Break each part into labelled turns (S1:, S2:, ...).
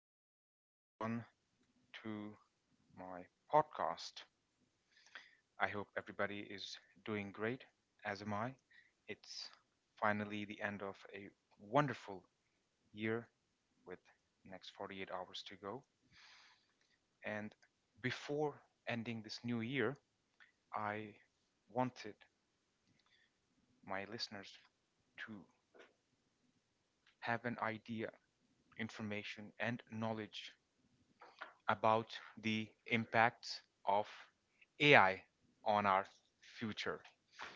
S1: welcome everyone to my podcast. I hope everybody is doing great, as am I. It's finally the end of a wonderful year with next 48 hours to go. And before ending this new year, I wanted my listeners to have an idea, information, and knowledge about the impacts of AI on our future.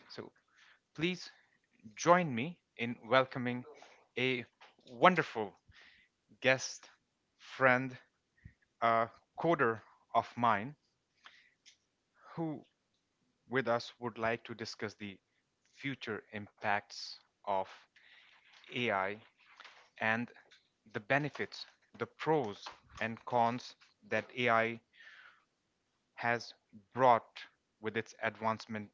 S1: So please join me in welcoming a wonderful guest friend, a coder of mine, who with us would like to discuss the future impacts of AI and the benefits, the pros and cons that AI has brought with its advancement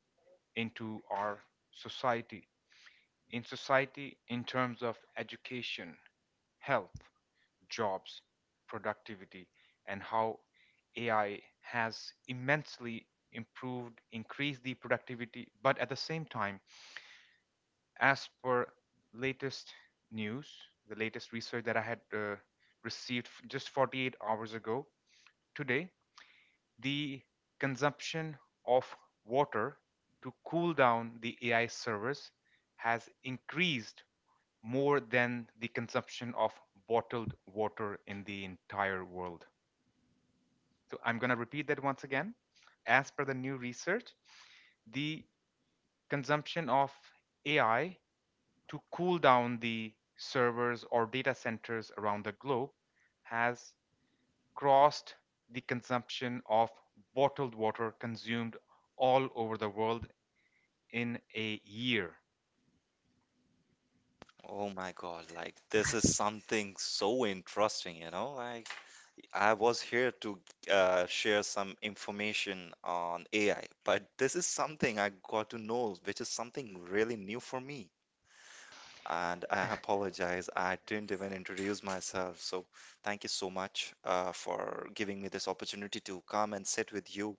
S1: into our society. In society, in terms of education, health, jobs, productivity, and how AI has immensely improved, increased the productivity. But at the same time, as per latest news, the latest research that I had received just 48 hours ago, today the consumption of water to cool down the AI servers has increased more than the consumption of bottled water in the entire world. So I'm going to repeat that once again. As per the new research, the consumption of AI to cool down the servers or data centers around the globe has crossed the consumption of bottled water consumed all over the world in a year.
S2: Oh my God, like this is something so interesting, you know? I was here to share some information on AI, but this is something I got to know, which is something really new for me. And I apologize, I didn't even introduce myself. So thank you so much for giving me this opportunity to come and sit with you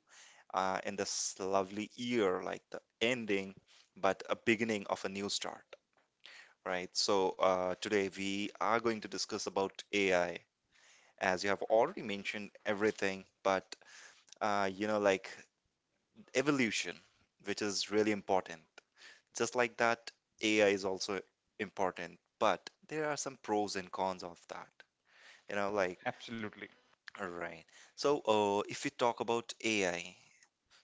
S2: in this lovely year, like the ending, but a beginning of a new start. Right. So today we are going to discuss about AI, as you have already mentioned everything, but uh, you know, like evolution, which is really important. Just like that, AI is also important, but there are some pros and cons of that. You know, like
S1: Absolutely.
S2: right. So if we talk about AI,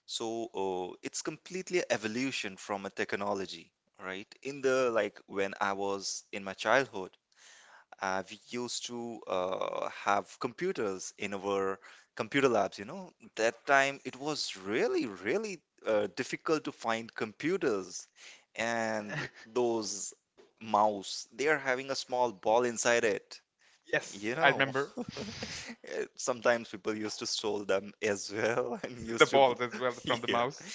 S2: so it's completely a evolution from a technology, right? In the like when I was in my childhood we used to have computers in our computer labs. You know, that time it was really, really difficult to find computers and those mouse. They are having a small ball inside it.
S1: Yes,
S2: You
S1: I
S2: know,
S1: remember.
S2: sometimes people used to stole them as well and
S1: The
S2: used to.
S1: balls as well from the mouse.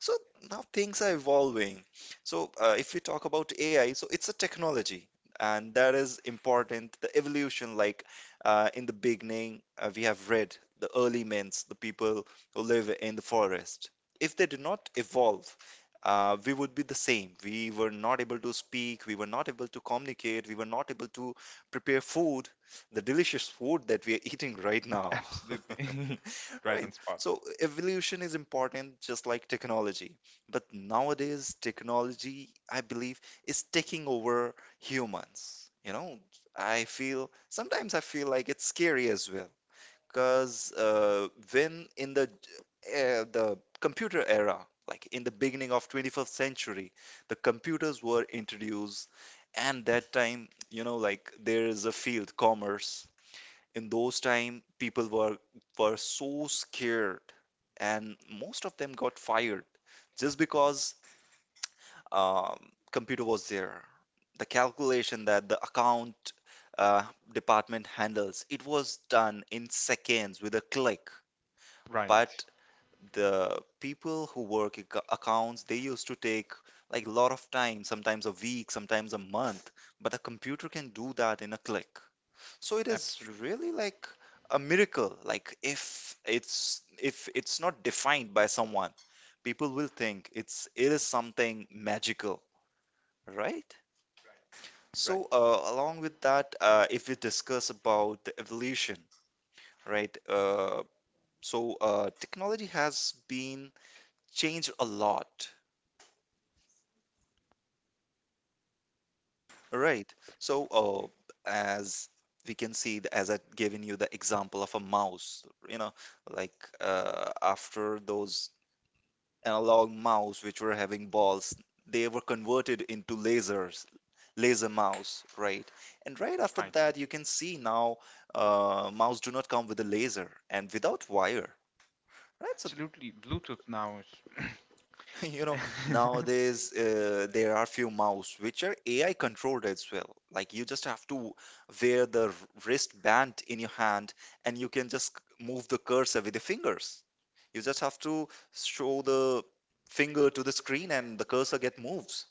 S2: So now things are evolving. So if we talk about AI, so it's a technology, and that is important. The evolution, like in the beginning, we have read the early men's, the people who live in the forest. If they did not evolve, we would be the same. We were not able to speak. We were not able to communicate. We were not able to prepare food, the delicious food that we are eating right now.
S1: Absolutely. Right
S2: Right.
S1: on spot.
S2: So evolution is important just like technology. But nowadays, technology, I believe, is taking over humans. You know, I feel like it's scary as well. Because when in the computer era, like in the beginning of 21st century, the computers were introduced, and that time, you know, like there is a field commerce. In those time, people were so scared and most of them got fired just because um, computer was there, the calculation that the account uh, department handles, it was done in seconds with a click,
S1: Right.
S2: but the people who work in accounts, they used to take like a lot of time, sometimes a week, sometimes a month, but a computer can do that in a click. So it is
S1: Absolutely.
S2: really like a miracle. Like if it's not defined by someone, people will think it is something magical, right?
S1: Right.
S2: So along with that, if we discuss about the evolution, right, technology has been changed a lot, right? So as we can see as I've given you the example of a mouse, you know, like after those analog mouse which were having balls, they were converted into lasers, laser mouse, right? And right after
S1: Right.
S2: that you can see now mouse do not come with a laser and without wire, right? So
S1: Absolutely. Bluetooth now
S2: you
S1: is.
S2: know, nowadays there are few mouse which are AI controlled as well. Like you just have to wear the wristband in your hand, and you can just move the cursor with your fingers. You just have to show the finger to the screen and the cursor get moves.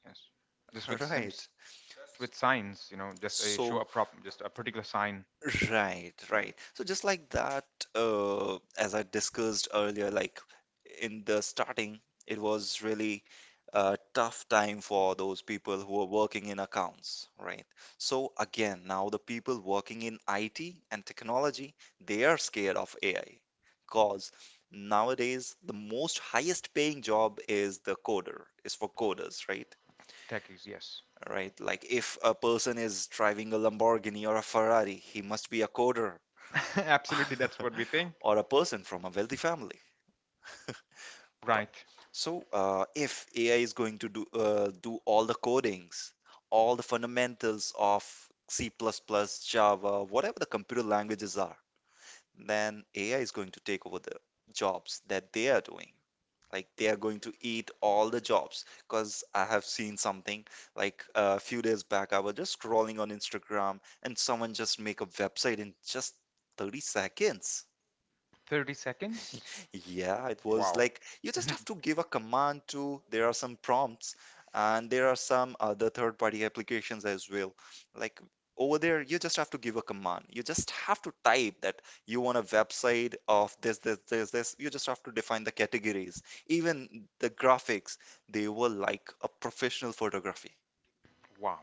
S1: Yes. Just with sim-
S2: Right.
S1: with signs, you know, just a show
S2: So
S1: a prop, just a particular sign.
S2: right,
S1: Like,
S2: right. So just like that, as I discussed earlier, like in the starting, it was really a tough time for those people who were working in accounts, right? So again, now the people working in IT and technology, they are scared of AI because nowadays the most highest paying job is the coder, is for coders, right?
S1: techies, yes.
S2: Right, like if a person is driving a Lamborghini or a Ferrari, he must be a coder
S1: Absolutely, that's what we think.
S2: or a person from a wealthy family.
S1: Right.
S2: So, if AI is going to do do all the codings, all the fundamentals of C++, plus, plus, Java, whatever the computer languages are, then AI is going to take over the jobs that they are doing. Like they are going to eat all the jobs. Because I have seen something like a few days back, I was just scrolling on Instagram and someone just make a website in just 30 seconds.
S1: 30 seconds?
S2: Yeah, it was
S1: Wow.
S2: like you just have to give a command to, there are some prompts and there are some other third party applications as well. Like over there, you just have to give a command. You just have to type that you want a website of this, this, this, this. You just have to define the categories. Even the graphics, they were like a professional photography.
S1: Wow.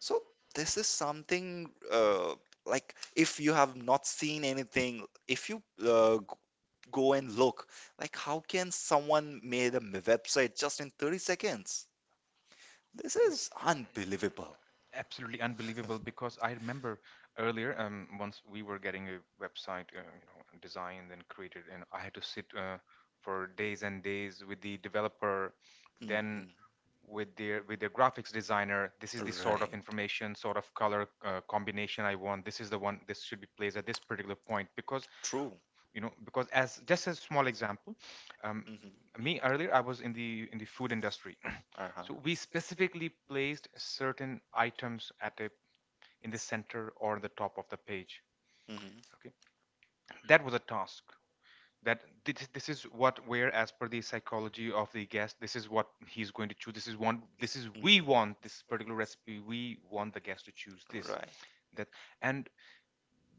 S2: So this is something like if you have not seen anything, if you go and look. Like, how can someone made a website just in 30 seconds? This is unbelievable.
S1: Absolutely unbelievable because I remember earlier, once we were getting a website, you know, designed and created, and I had to sit for days and days with the developer,
S2: Yeah.
S1: then
S2: Mhm.
S1: with their graphics designer. This is the sort of
S2: Right.
S1: information, sort of color combination I want. This is the one. This should be placed at this particular point because
S2: True.
S1: you know, because as just a small example, um,
S2: Hmm.
S1: me earlier I was in the food industry.
S2: Uh-huh.
S1: So we specifically placed certain items at a, in the center or the top of the page,
S2: Hmm.
S1: okay? That was a task that this is what, where as per the psychology of the guest, this is what he's going to choose. This is one. This is, we
S2: Hmm.
S1: want this particular recipe, we want the guest to choose this.
S2: Right.
S1: That, and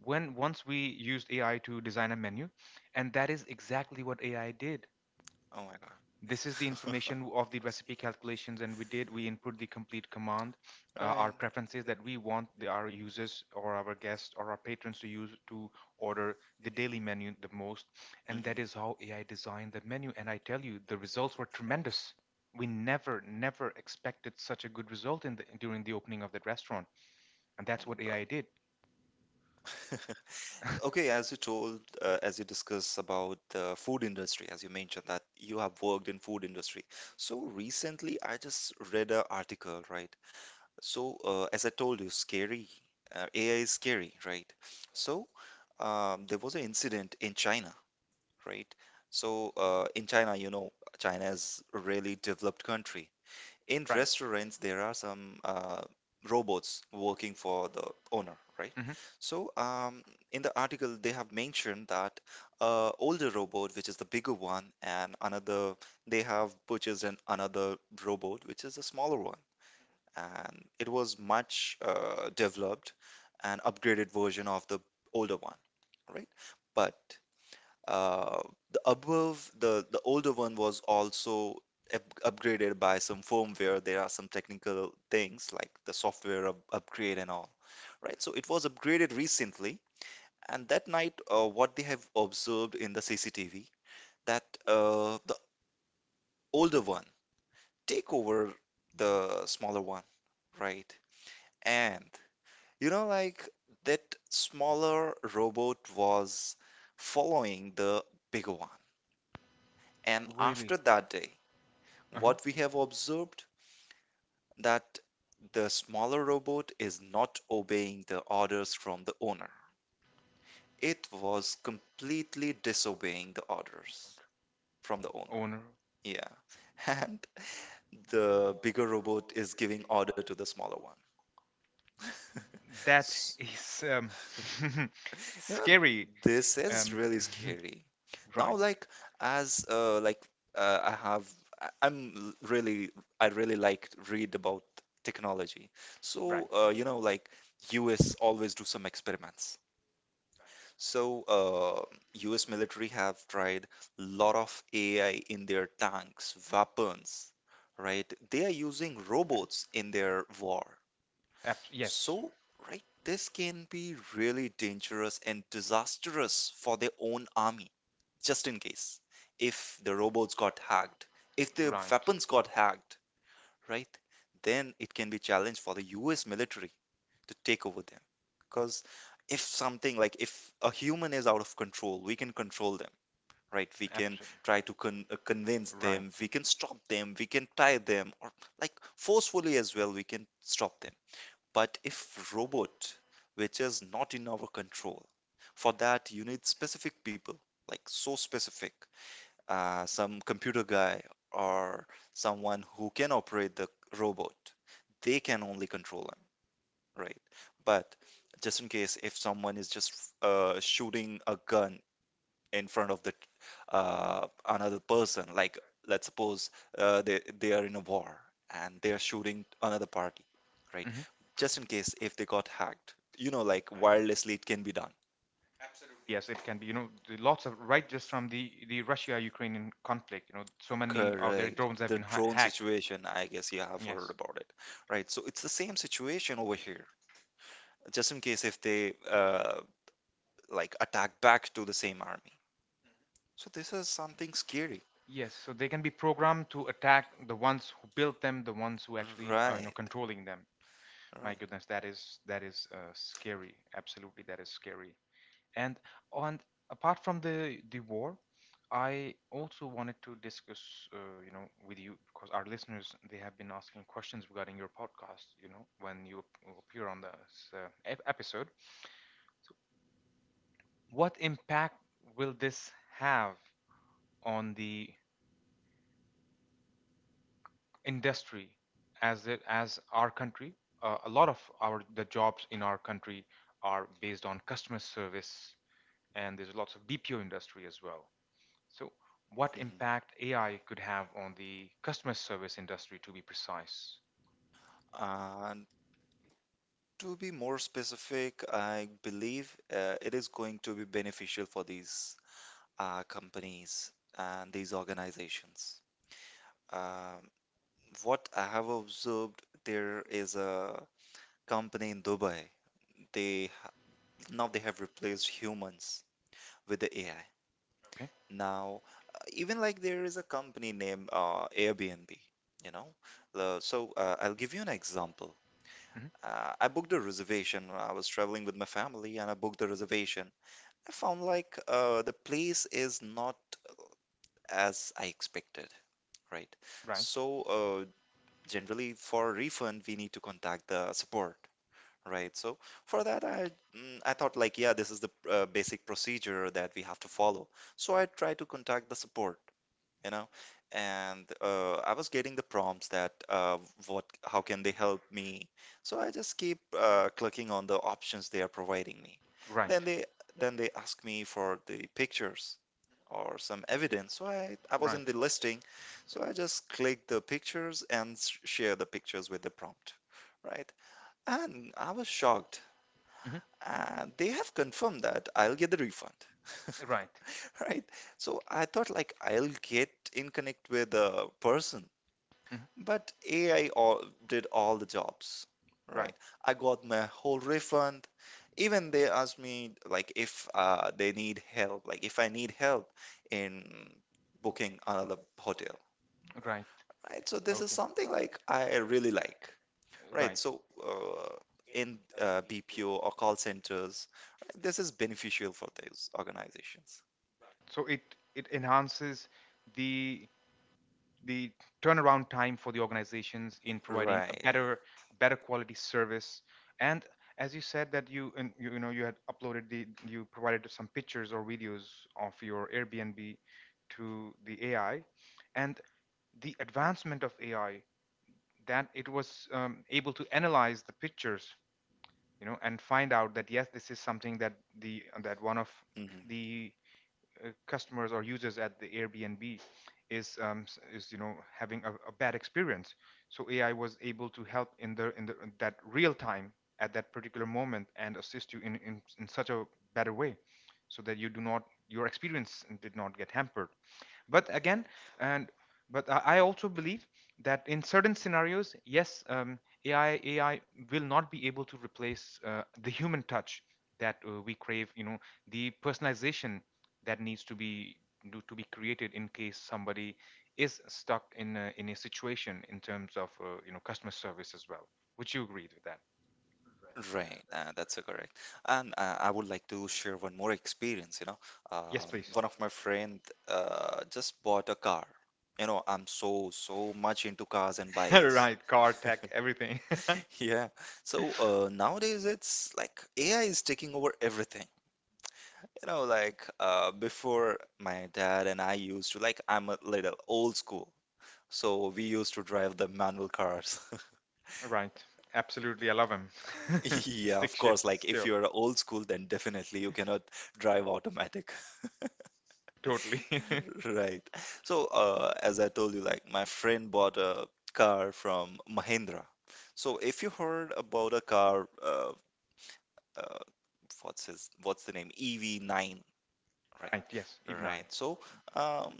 S1: when once we used AI to design a menu, and that is exactly what AI did.
S2: Oh my God.
S1: This is the information of the recipe calculations, and we did, we input the complete command, our
S2: Right.
S1: preferences that we want our users or our guests or our patrons to use to order the daily menu the most. And that is
S2: Hmm.
S1: how AI designed the menu, and I tell you the results were tremendous. We never expected such a good result in the during the opening of that restaurant, and
S2: Oh
S1: that's
S2: my
S1: what
S2: God.
S1: AI did.
S2: Okay, as you told, as you discussed about the food industry, as you mentioned that you have worked in food industry. So recently, I just read an article, right? So as I told you, scary. AI is scary, right? So there was an incident in China, right? So in China, you know, China is a really developed country. In
S1: Right.
S2: restaurants there are some robots working for the owner, right?
S1: Hmm.
S2: So in the article they have mentioned that older robot which is the bigger one, and another, they have purchased an another robot which is a smaller one, and it was much developed and upgraded version of the older one, right? But uh, the above the older one was also upgraded by some firmware. There are some technical things like the software upgrade and all, right? So it was upgraded recently, and that night, what they have observed in the CCTV, that the older one take over the smaller one, right? And you know, like that smaller robot was following the bigger one. And
S1: Really?
S2: after
S1: After
S2: that
S1: that day,
S2: day,
S1: uh-huh.
S2: what
S1: What
S2: we
S1: we
S2: have
S1: have
S2: observed,
S1: observed
S2: that the smaller robot is not obeying the orders from the owner. It was completely disobeying the orders from
S1: from
S2: the
S1: the
S2: owner.
S1: owner.
S2: Yeah. And the bigger robot is giving order to the smaller one.
S1: That is
S2: You know,
S1: scary.
S2: this is
S1: Um,
S2: really scary.
S1: right,
S2: Now, like as like I have, really, I really like to read about technology.
S1: right.
S2: So US always do some experiments. So US military have tried lot of AI in their tanks, weapons, right? They are using robots in their war.
S1: Yes,
S2: So, right, this can be really dangerous and disastrous for their own army, just in case. If the robots got hacked, if the
S1: right.
S2: weapons got hacked, right, then it can be challenged for the US military to take over them. Because if something, like if a human is out of control, we can control them, right? We can try to
S1: Absolutely.
S2: convince
S1: Right.
S2: them, we can stop them, we can tie them, or like forcefully as well, we can stop them. But if robot, which is not in our control, for that you need specific people, like so specific, some computer guy or someone who can operate the robot. They can only control them, right? But just in case if someone is just shooting a gun in front of the another person, like let's suppose they are in a war and they are shooting another party, right,
S1: Hmm.
S2: just in case if they got hacked, you know, like wirelessly it can be done.
S1: Yes, it can be. You know, the lots of right just from the Russia-Ukrainian conflict. You know, so many of their
S2: Correct.
S1: drones have
S2: The
S1: been
S2: drone
S1: hacked.
S2: situation, I guess you have heard
S1: Yes.
S2: about it, right? So it's the same situation over here, just in case if they like attack back to the same army. So this is something scary.
S1: Yes, so they can be programmed to attack the ones who built them, the ones who actually are, you know,
S2: Right.
S1: controlling them. My
S2: Right.
S1: goodness, that is scary. Absolutely, that is scary. And on, apart from the war, I also wanted to discuss, you know, with you because our listeners, they have been asking questions regarding your podcast. You know, when you appear on this episode, so what impact will this have on the industry as it, as our country? A lot of our the jobs in our country are based on customer service, and there's lots of BPO industry as well. So what
S2: Mhm.
S1: impact AI could have on the customer service industry, to be precise?
S2: And to be more specific, I believe it is going to be beneficial for these companies and these organizations. Um, what I have observed, there is a company in Dubai. They ha- Now they have replaced humans with the AI.
S1: Okay.
S2: Now, even like there is a company named Airbnb, you know. So I'll give you an example.
S1: Hmm.
S2: I booked a reservation when I was traveling with my family, and I booked the reservation. I found like the place is not as I expected, right?
S1: Right. So,
S2: So generally for refund, we need to contact the support. Right, so for that, I thought like, yeah, this is the basic procedure that we have to follow. So I tried to contact the support you know and I was getting the prompts that what how can they help me, so I just keep clicking on the options they are providing me.
S1: right.
S2: then they then they ask me for the pictures or some evidence, so I was
S1: Right.
S2: in the listing. So I just click the pictures and share the pictures with the prompt, right? And I was shocked,
S1: Hmm.
S2: and they have confirmed that I'll get the refund.
S1: Right.
S2: Right. So I thought like I'll get in connect with a person,
S1: Hmm.
S2: but AI all did all the jobs, right?
S1: Right.
S2: I got my whole refund. Even they asked me like if they need help, like if I need help in booking another hotel,
S1: Right.
S2: right? So
S1: So this,
S2: this is
S1: okay, is
S2: something
S1: something
S2: like
S1: like I
S2: I really
S1: really like.
S2: like.
S1: Right.
S2: Right,
S1: So
S2: so in BPO or call centers, right, this is beneficial for those organizations.
S1: so it enhances the the turnaround time for the organizations in providing a
S2: Right.
S1: better quality service. And as you said that you, you know, you had uploaded the, you provided some pictures or videos of your Airbnb to the AI, and the advancement of AI, that it was able to analyze the pictures, you know, and find out that yes, this is something that the, that one of
S2: Hmm.
S1: the, customers or users at the Airbnb is is, you know, having a bad experience. So AI was able to help in the in the, in that real time, at that particular moment, and assist you in such a better way, so that you do not, your experience did not get hampered. But again, and but I also believe that in certain scenarios, yes, AI will not be able to replace the human touch that we crave, you know, the personalization that needs to be do, to be created in case somebody is stuck in a situation in terms of, you know, customer service as well. Would you agree with that?
S2: Right, that's correct. And I would like to share one more experience, uh,
S1: Yes, please.
S2: one of my friend just bought a car. You know, I'm so so much into cars and bike.
S1: Right, car, tech, everything.
S2: Yeah. So nowadays it's like AI is taking over everything. You know, like before my dad and I used to, like I'm a little old school. So we used to drive the manual cars.
S1: Right, absolutely, I love him.
S2: Yeah,
S1: Stick
S2: of course.
S1: shift
S2: Like if
S1: still.
S2: you're old school, then definitely you cannot drive automatic.
S1: Totally.
S2: Right. So, as I told you, like my friend bought a car from Mahindra. So, if you heard about a car, uh, what's his, what's the name? EV9, right?
S1: Right. Yes. Even I.
S2: Right. So, um,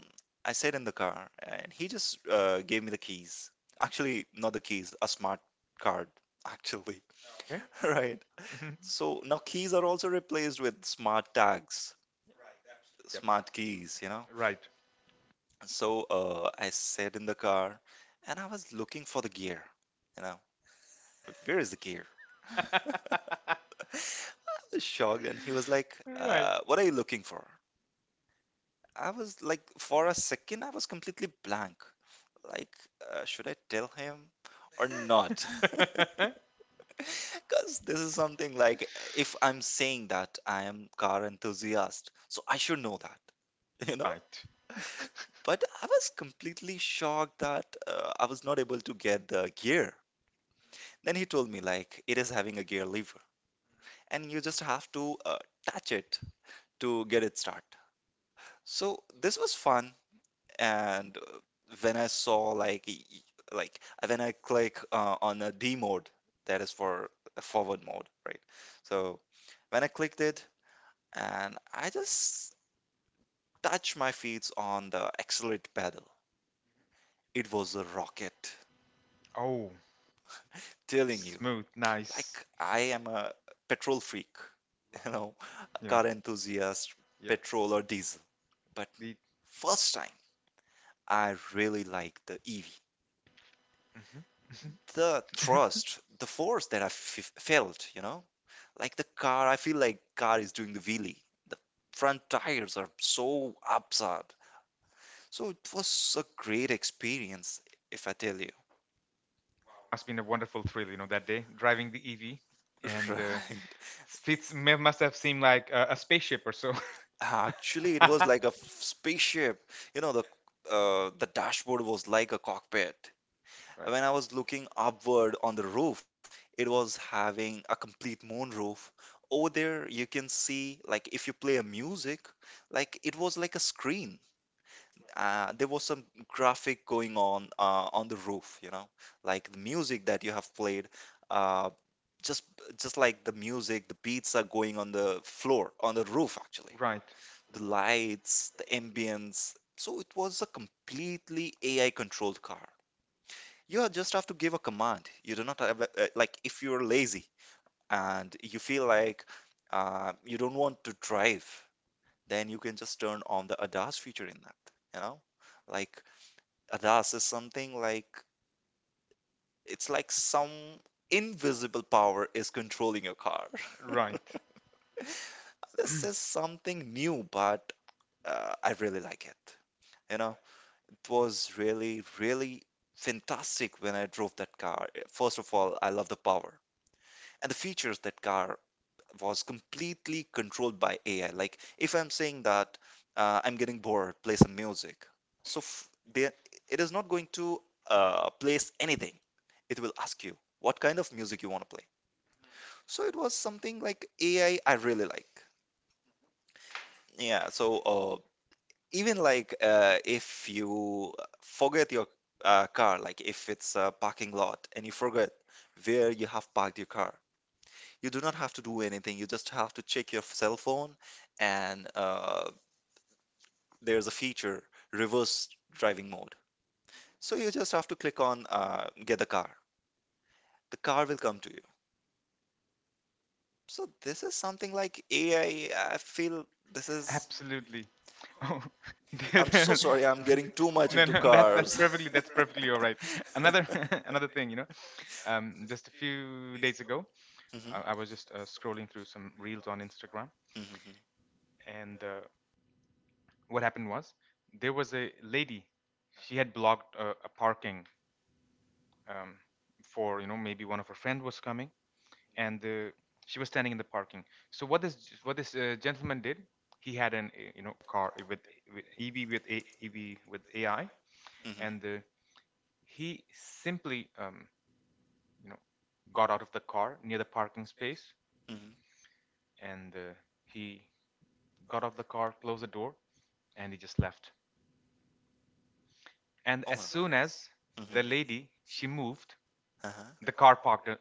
S2: I sat in the car, and he just gave me the keys. Actually, not the keys, a smart card, actually.
S1: Okay.
S2: Right.
S1: Mhm.
S2: So now keys are also replaced with smart tags,
S1: Yep.
S2: smart keys, you know.
S1: Right.
S2: So I sat in the car and I was looking for the gear. You know, where is the gear? I was shocked, and he was like,
S1: Right.
S2: "What are you looking for?" I was like, for a second, I was completely blank. Like, should I tell him or not? Because this is something like, if I'm saying that I am car enthusiast, so I should know that, you know.
S1: Right.
S2: But I was completely shocked that I was not able to get the gear. Then he told me like it is having a gear lever and you just have to touch it to get it start. So this was fun, and when I saw like like when I click on a D mode, that is for a forward mode, right? So when I clicked it and I just touched my feet on the accelerate pedal. It was a rocket,
S1: Oh,
S2: telling you,
S1: smooth. Nice.
S2: like I am a petrol freak. You know,
S1: You know.
S2: car enthusiast,
S1: Yep.
S2: petrol or diesel. But
S1: The
S2: first time, I really like the EV.
S1: mhm.
S2: The thrust, the force that I felt, you know, like the car, I feel like car is doing the wheelie. The front tires are so absurd. So it was a great experience, if I tell you.
S1: Must been a wonderful thrill, you know, that day driving the EV, and
S2: Right.
S1: fits must have seemed like a spaceship or so.
S2: Actually, it was
S1: Right.
S2: like a spaceship. You know, the dashboard was like a cockpit. When I was looking upward on the roof, it was having a complete moonroof. Over there, you can see, like, if you play a music, like, it was like a screen. There was some graphic going on the roof, you know, like the music that you have played. Uh, just just like the music, the beats are going on the floor, on the roof, actually.
S1: Right.
S2: The lights, the ambience. So it was a completely AI controlled car. Just have to give a command. You do not have, like, if you're lazy, and you feel like you don't want to drive, then you can just turn on the ADAS feature in that. You know, like ADAS is something like it's like some invisible power is controlling your car.
S1: Right.
S2: This is something new, but I really like it. You know, it was really, really fantastic when I drove that car. First of all, I love the power and the features that car was completely controlled by AI. Like if I'm saying that I'm getting bored, play some music. So there, it is not going to place anything. It will ask you what kind of music you want to play. So it was something like AI I really like. Yeah. So even like if you forget your car, like if it's a parking lot and you forget where you have parked your car, you do not have to do anything. You just have to check your cell phone, and there's a feature reverse driving mode. So you just have to click on get the car. The car will come to you. So this is something like AI. I feel this is.
S1: Absolutely. Oh, there-
S2: I'm so
S1: there-
S2: sorry. I'm getting too much
S1: no,
S2: into
S1: no,
S2: cars.
S1: that's perfectly all right. Another another thing, you know, just a few days ago, I was just scrolling through some reels on Instagram,
S2: Mhm,
S1: and what happened was there was a lady, she had blocked a parking, um, for, you know, maybe one of her friend was coming, and she was standing in the parking. So what this, what this gentleman did, he had an you know, car with EV with A, EV with AI,
S2: mhm, mhm,
S1: and he simply you know, got out of the car near the parking space,
S2: mhm.
S1: and he got off the car, closed the door, and he just left. And
S2: Oh
S1: as
S2: my god.
S1: soon as
S2: Mhm.
S1: the lady she moved,
S2: Uh-huh.
S1: the car parked uh,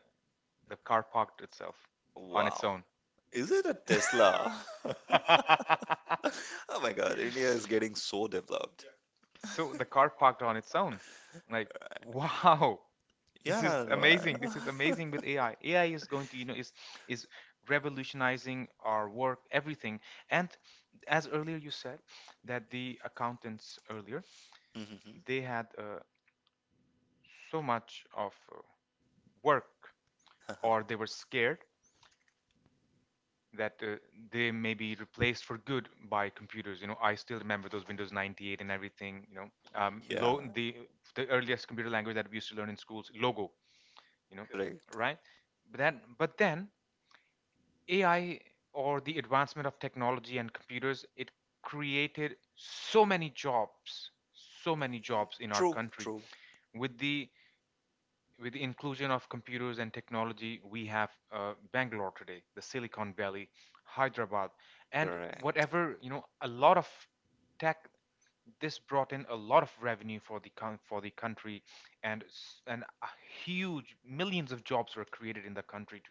S1: the car parked itself on its
S2: Wow.
S1: own.
S2: Is it a Tesla? Oh my God, India is getting so developed.
S1: So the car parked on its own. Like, wow, this is
S2: Yeah, I know. I
S1: amazing. This is
S2: know.
S1: amazing with AI. AI is going to, you know, is revolutionizing our work, everything. And as earlier you said that the accountants earlier,
S2: Mhm.
S1: they had so much of work, or they were scared that they may be replaced for good by computers. You know, I still remember those Windows 98 and everything. You know,
S2: Yeah,
S1: the earliest computer language that we used to learn in schools, Logo. You know,
S2: right.
S1: right? But then AI or the advancement of technology and computers, it created so many jobs in our
S2: True,
S1: country,
S2: true.
S1: with the with the inclusion of computers and technology, we have Bangalore today, the Silicon Valley, Hyderabad, and
S2: Correct.
S1: whatever, you know, a lot of tech. This brought in a lot of revenue for the coun for the country, and and a huge millions of jobs were created in the country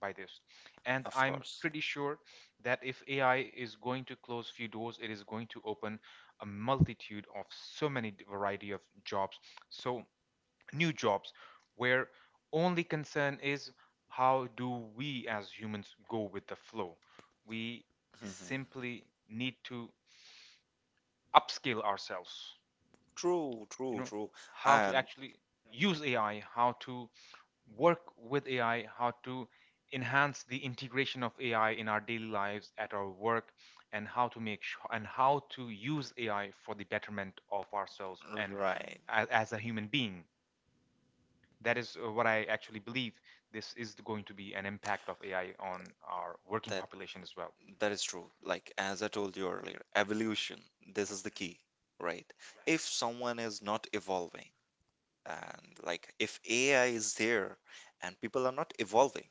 S1: by this. And
S2: Of
S1: I'm
S2: course.
S1: pretty sure that if AI is going to close few doors, it is going to open a multitude of so many variety of jobs. So new jobs, where only concern is, how do we as humans go with the flow? We
S2: Mhm.
S1: simply need to upskill ourselves.
S2: True,
S1: You
S2: true,
S1: know,
S2: true.
S1: how to
S2: And
S1: actually use AI, how to work with AI, how to enhance the integration of AI in our daily lives at our work, and how to make sure and how to use AI for the betterment of ourselves and
S2: right,
S1: as a human being. That is what I actually believe. This is going to be an impact of AI on our working
S2: that
S1: population as well.
S2: that is true. Like as I told you earlier, evolution, this is the key, right? If someone is not evolving, and like if AI is there and people are not evolving,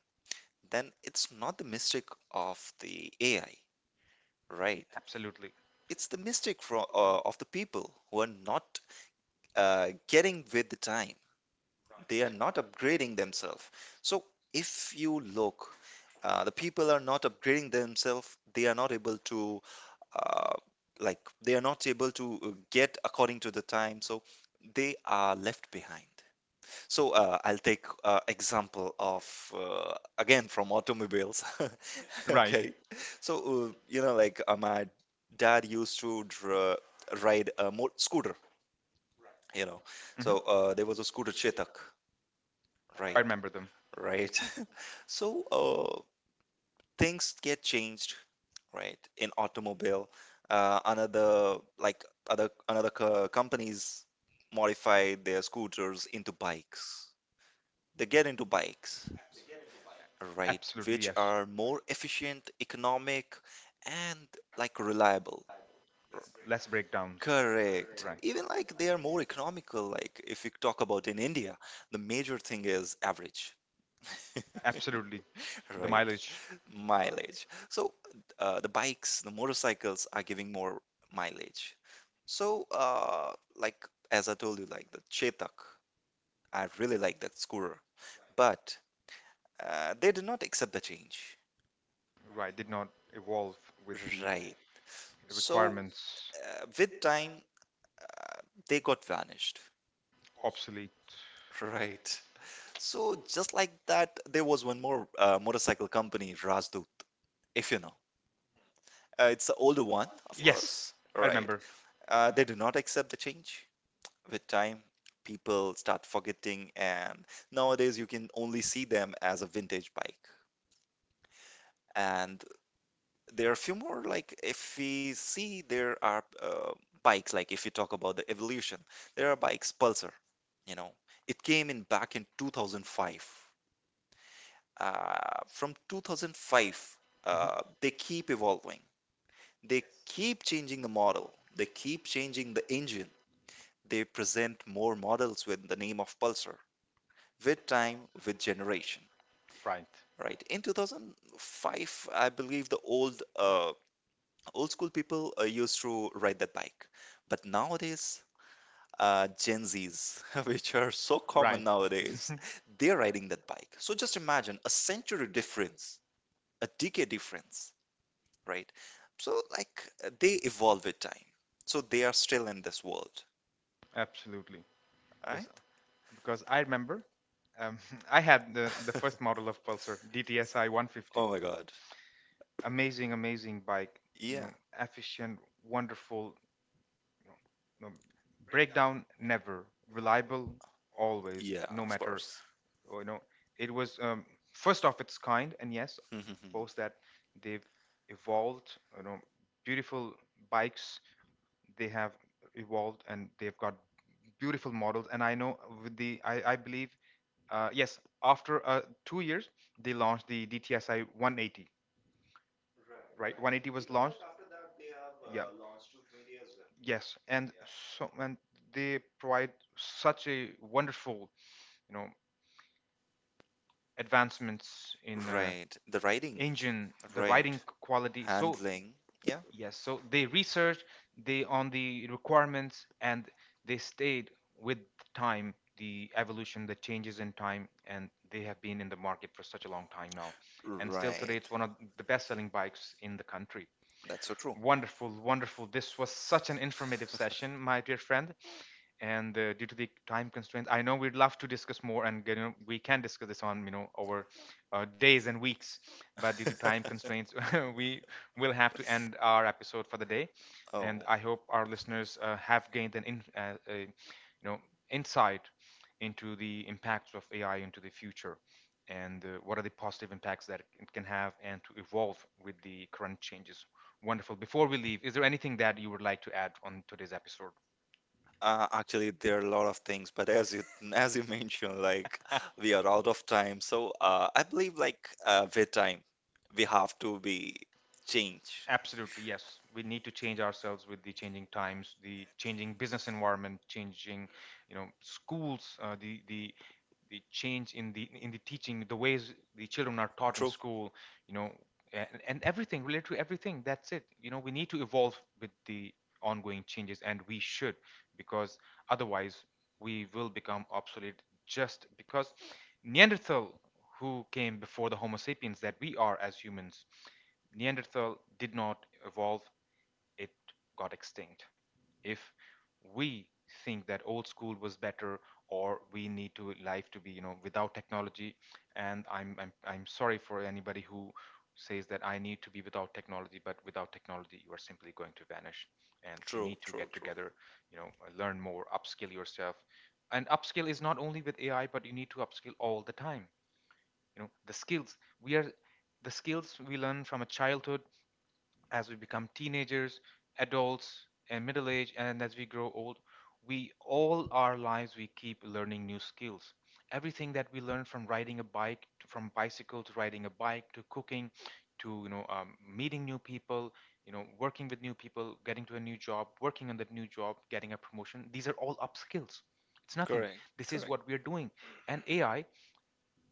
S2: then it's not the mistake of the AI, right?
S1: Absolutely.
S2: It's the mistake from of the people who are not getting with the time. They are not upgrading themselves. So if you look, the people are not upgrading themselves. They are not able to uh, like they are not able to get according to the time. So they are left behind. So I'll take example of again from automobiles.
S1: Right.
S2: Okay, so you know like my dad used to ride a mo scooter. You know,
S1: Hmm.
S2: so there was a scooter Chetak,
S1: I
S2: right?
S1: remember them.
S2: Right. So things get changed, right? In automobile, another like other another co companies modify their scooters into bikes. They get into bikes,
S1: Absolutely, yes.
S2: right, which are more efficient, economic, and like reliable. R-
S1: Less breakdowns. Right.
S2: Correct. Even like they are more economical. Like if we talk about in India, the major thing is average,
S1: Absolutely. The
S2: right?
S1: mileage,
S2: Mileage. So the bikes, the motorcycles are giving more mileage. So like as I told you, like the Chetak, I really like that scooter, but they did not accept the change.
S1: right, did not evolve with the
S2: Right. So,
S1: requirements.
S2: with time, they got vanished.
S1: Obsolete.
S2: Right. So, just like that, there was one more motorcycle company, Rajdut, if you know. It's the older one, of Yes.
S1: Yes,
S2: course.
S1: I
S2: Right.
S1: remember.
S2: They do not accept the change. With time, people start forgetting, and nowadays you can only see them as a vintage bike. And there are a few more like if we see there are bikes, like if you talk about the evolution, there are bikes pulsar, you know, it came in back in 2005. uh, from 2005,
S1: Mhm.
S2: they keep evolving, they keep changing the model, they keep changing the engine, they present more models with the name of pulsar, with time, with generation,
S1: Right.
S2: right? In 2005, I believe the old school people used to ride that bike, but nowadays, Gen Zs, which are so
S1: Right.
S2: common nowadays, they're riding that bike. So just imagine a century difference, a decade difference, right? So like they evolve with time. So they are still in this world,
S1: Absolutely.
S2: right?
S1: Yes, because I remember um, I had the first model of Pulsar, DTSi 150.
S2: Oh my God.
S1: Amazing, amazing bike. You
S2: Yeah,
S1: know, efficient, wonderful. You know, no, breakdown never, reliable always,
S2: yeah,
S1: no
S2: of
S1: matter.
S2: course.
S1: Oh, you know, it was first of its kind, and yes, post that they've evolved. You know, beautiful bikes they have evolved, and they've got beautiful models. And I know with the, I believe yes after 2 years they launched the dtsi 180. Right, 180 was launched. Yeah, yes. And they provide such a wonderful, you know, advancements in
S2: Right. The riding,
S1: engine, the
S2: right.
S1: riding quality, so
S2: Handling. Yeah.
S1: yes. So they researched, they on the requirements, and they stayed with time, the evolution, the changes in time, and they have been in the market for such a long time now. And still today, it's
S2: Right.
S1: one of the best-selling bikes in the country.
S2: That's so true.
S1: Wonderful, wonderful. This was such an informative session, my dear friend, and due to the time constraints, I know we'd love to discuss more, and you know, we can discuss this on, you know, over days and weeks, but due to time constraints we will have to end our episode for the day. And
S2: Oh,
S1: I hope our listeners have gained an you know, insight into the impacts of AI into the future, and what are the positive impacts that it can have, and to evolve with the current changes. Wonderful. Before we leave, is there anything that you would like to add on today's episode?
S2: actually, there are a lot of things, but as you as you mentioned, like we are out of time, so I believe like with time, we have to be changed.
S1: Absolutely, yes. We need to change ourselves with the changing times, the changing business environment, changing, you know, schools, the the change in the teaching, the ways the children are taught in
S2: True,
S1: school, you know, and everything related to everything. That's it. You know, we need to evolve with the ongoing changes, and we should, because otherwise we will become obsolete. Just because Neanderthal, who came before the Homo sapiens that we are as humans. Neanderthal did not evolve, it got extinct. If we think that old school was better, or we need to life to be, you know, without technology, and I'm sorry for anybody who says that I need to be without technology, but without technology you are simply going to vanish, and you
S2: true,
S1: need to
S2: true,
S1: get
S2: true.
S1: together, you know, learn more, upskill yourself. And upskill is not only with AI, but you need to upskill all the time. You know, the skills we are the skills we learn from a childhood, as we become teenagers, adults, and middle age, and as we grow old, we all our lives we keep learning new skills. Everything that we learn, from riding a bike, from bicycle to riding a bike to cooking, to, you know, meeting new people, you know, working with new people, getting to a new job, working on that new job, getting a promotion. These are all up skills. It's nothing.
S2: Correct,
S1: This is
S2: correct.
S1: what we are doing, and AI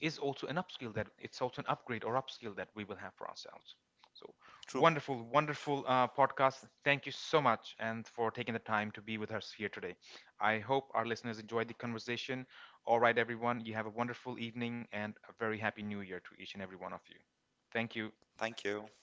S1: is also an upskill that it's also an upgrade or upskill that we will have for ourselves. So
S2: True.
S1: wonderful, wonderful podcast. Thank you so much and for taking the time to be with us here today. I hope our listeners enjoyed the conversation. All right, everyone, you have a wonderful evening and a very happy new year to each and every one of you. Thank you.
S2: Thank you.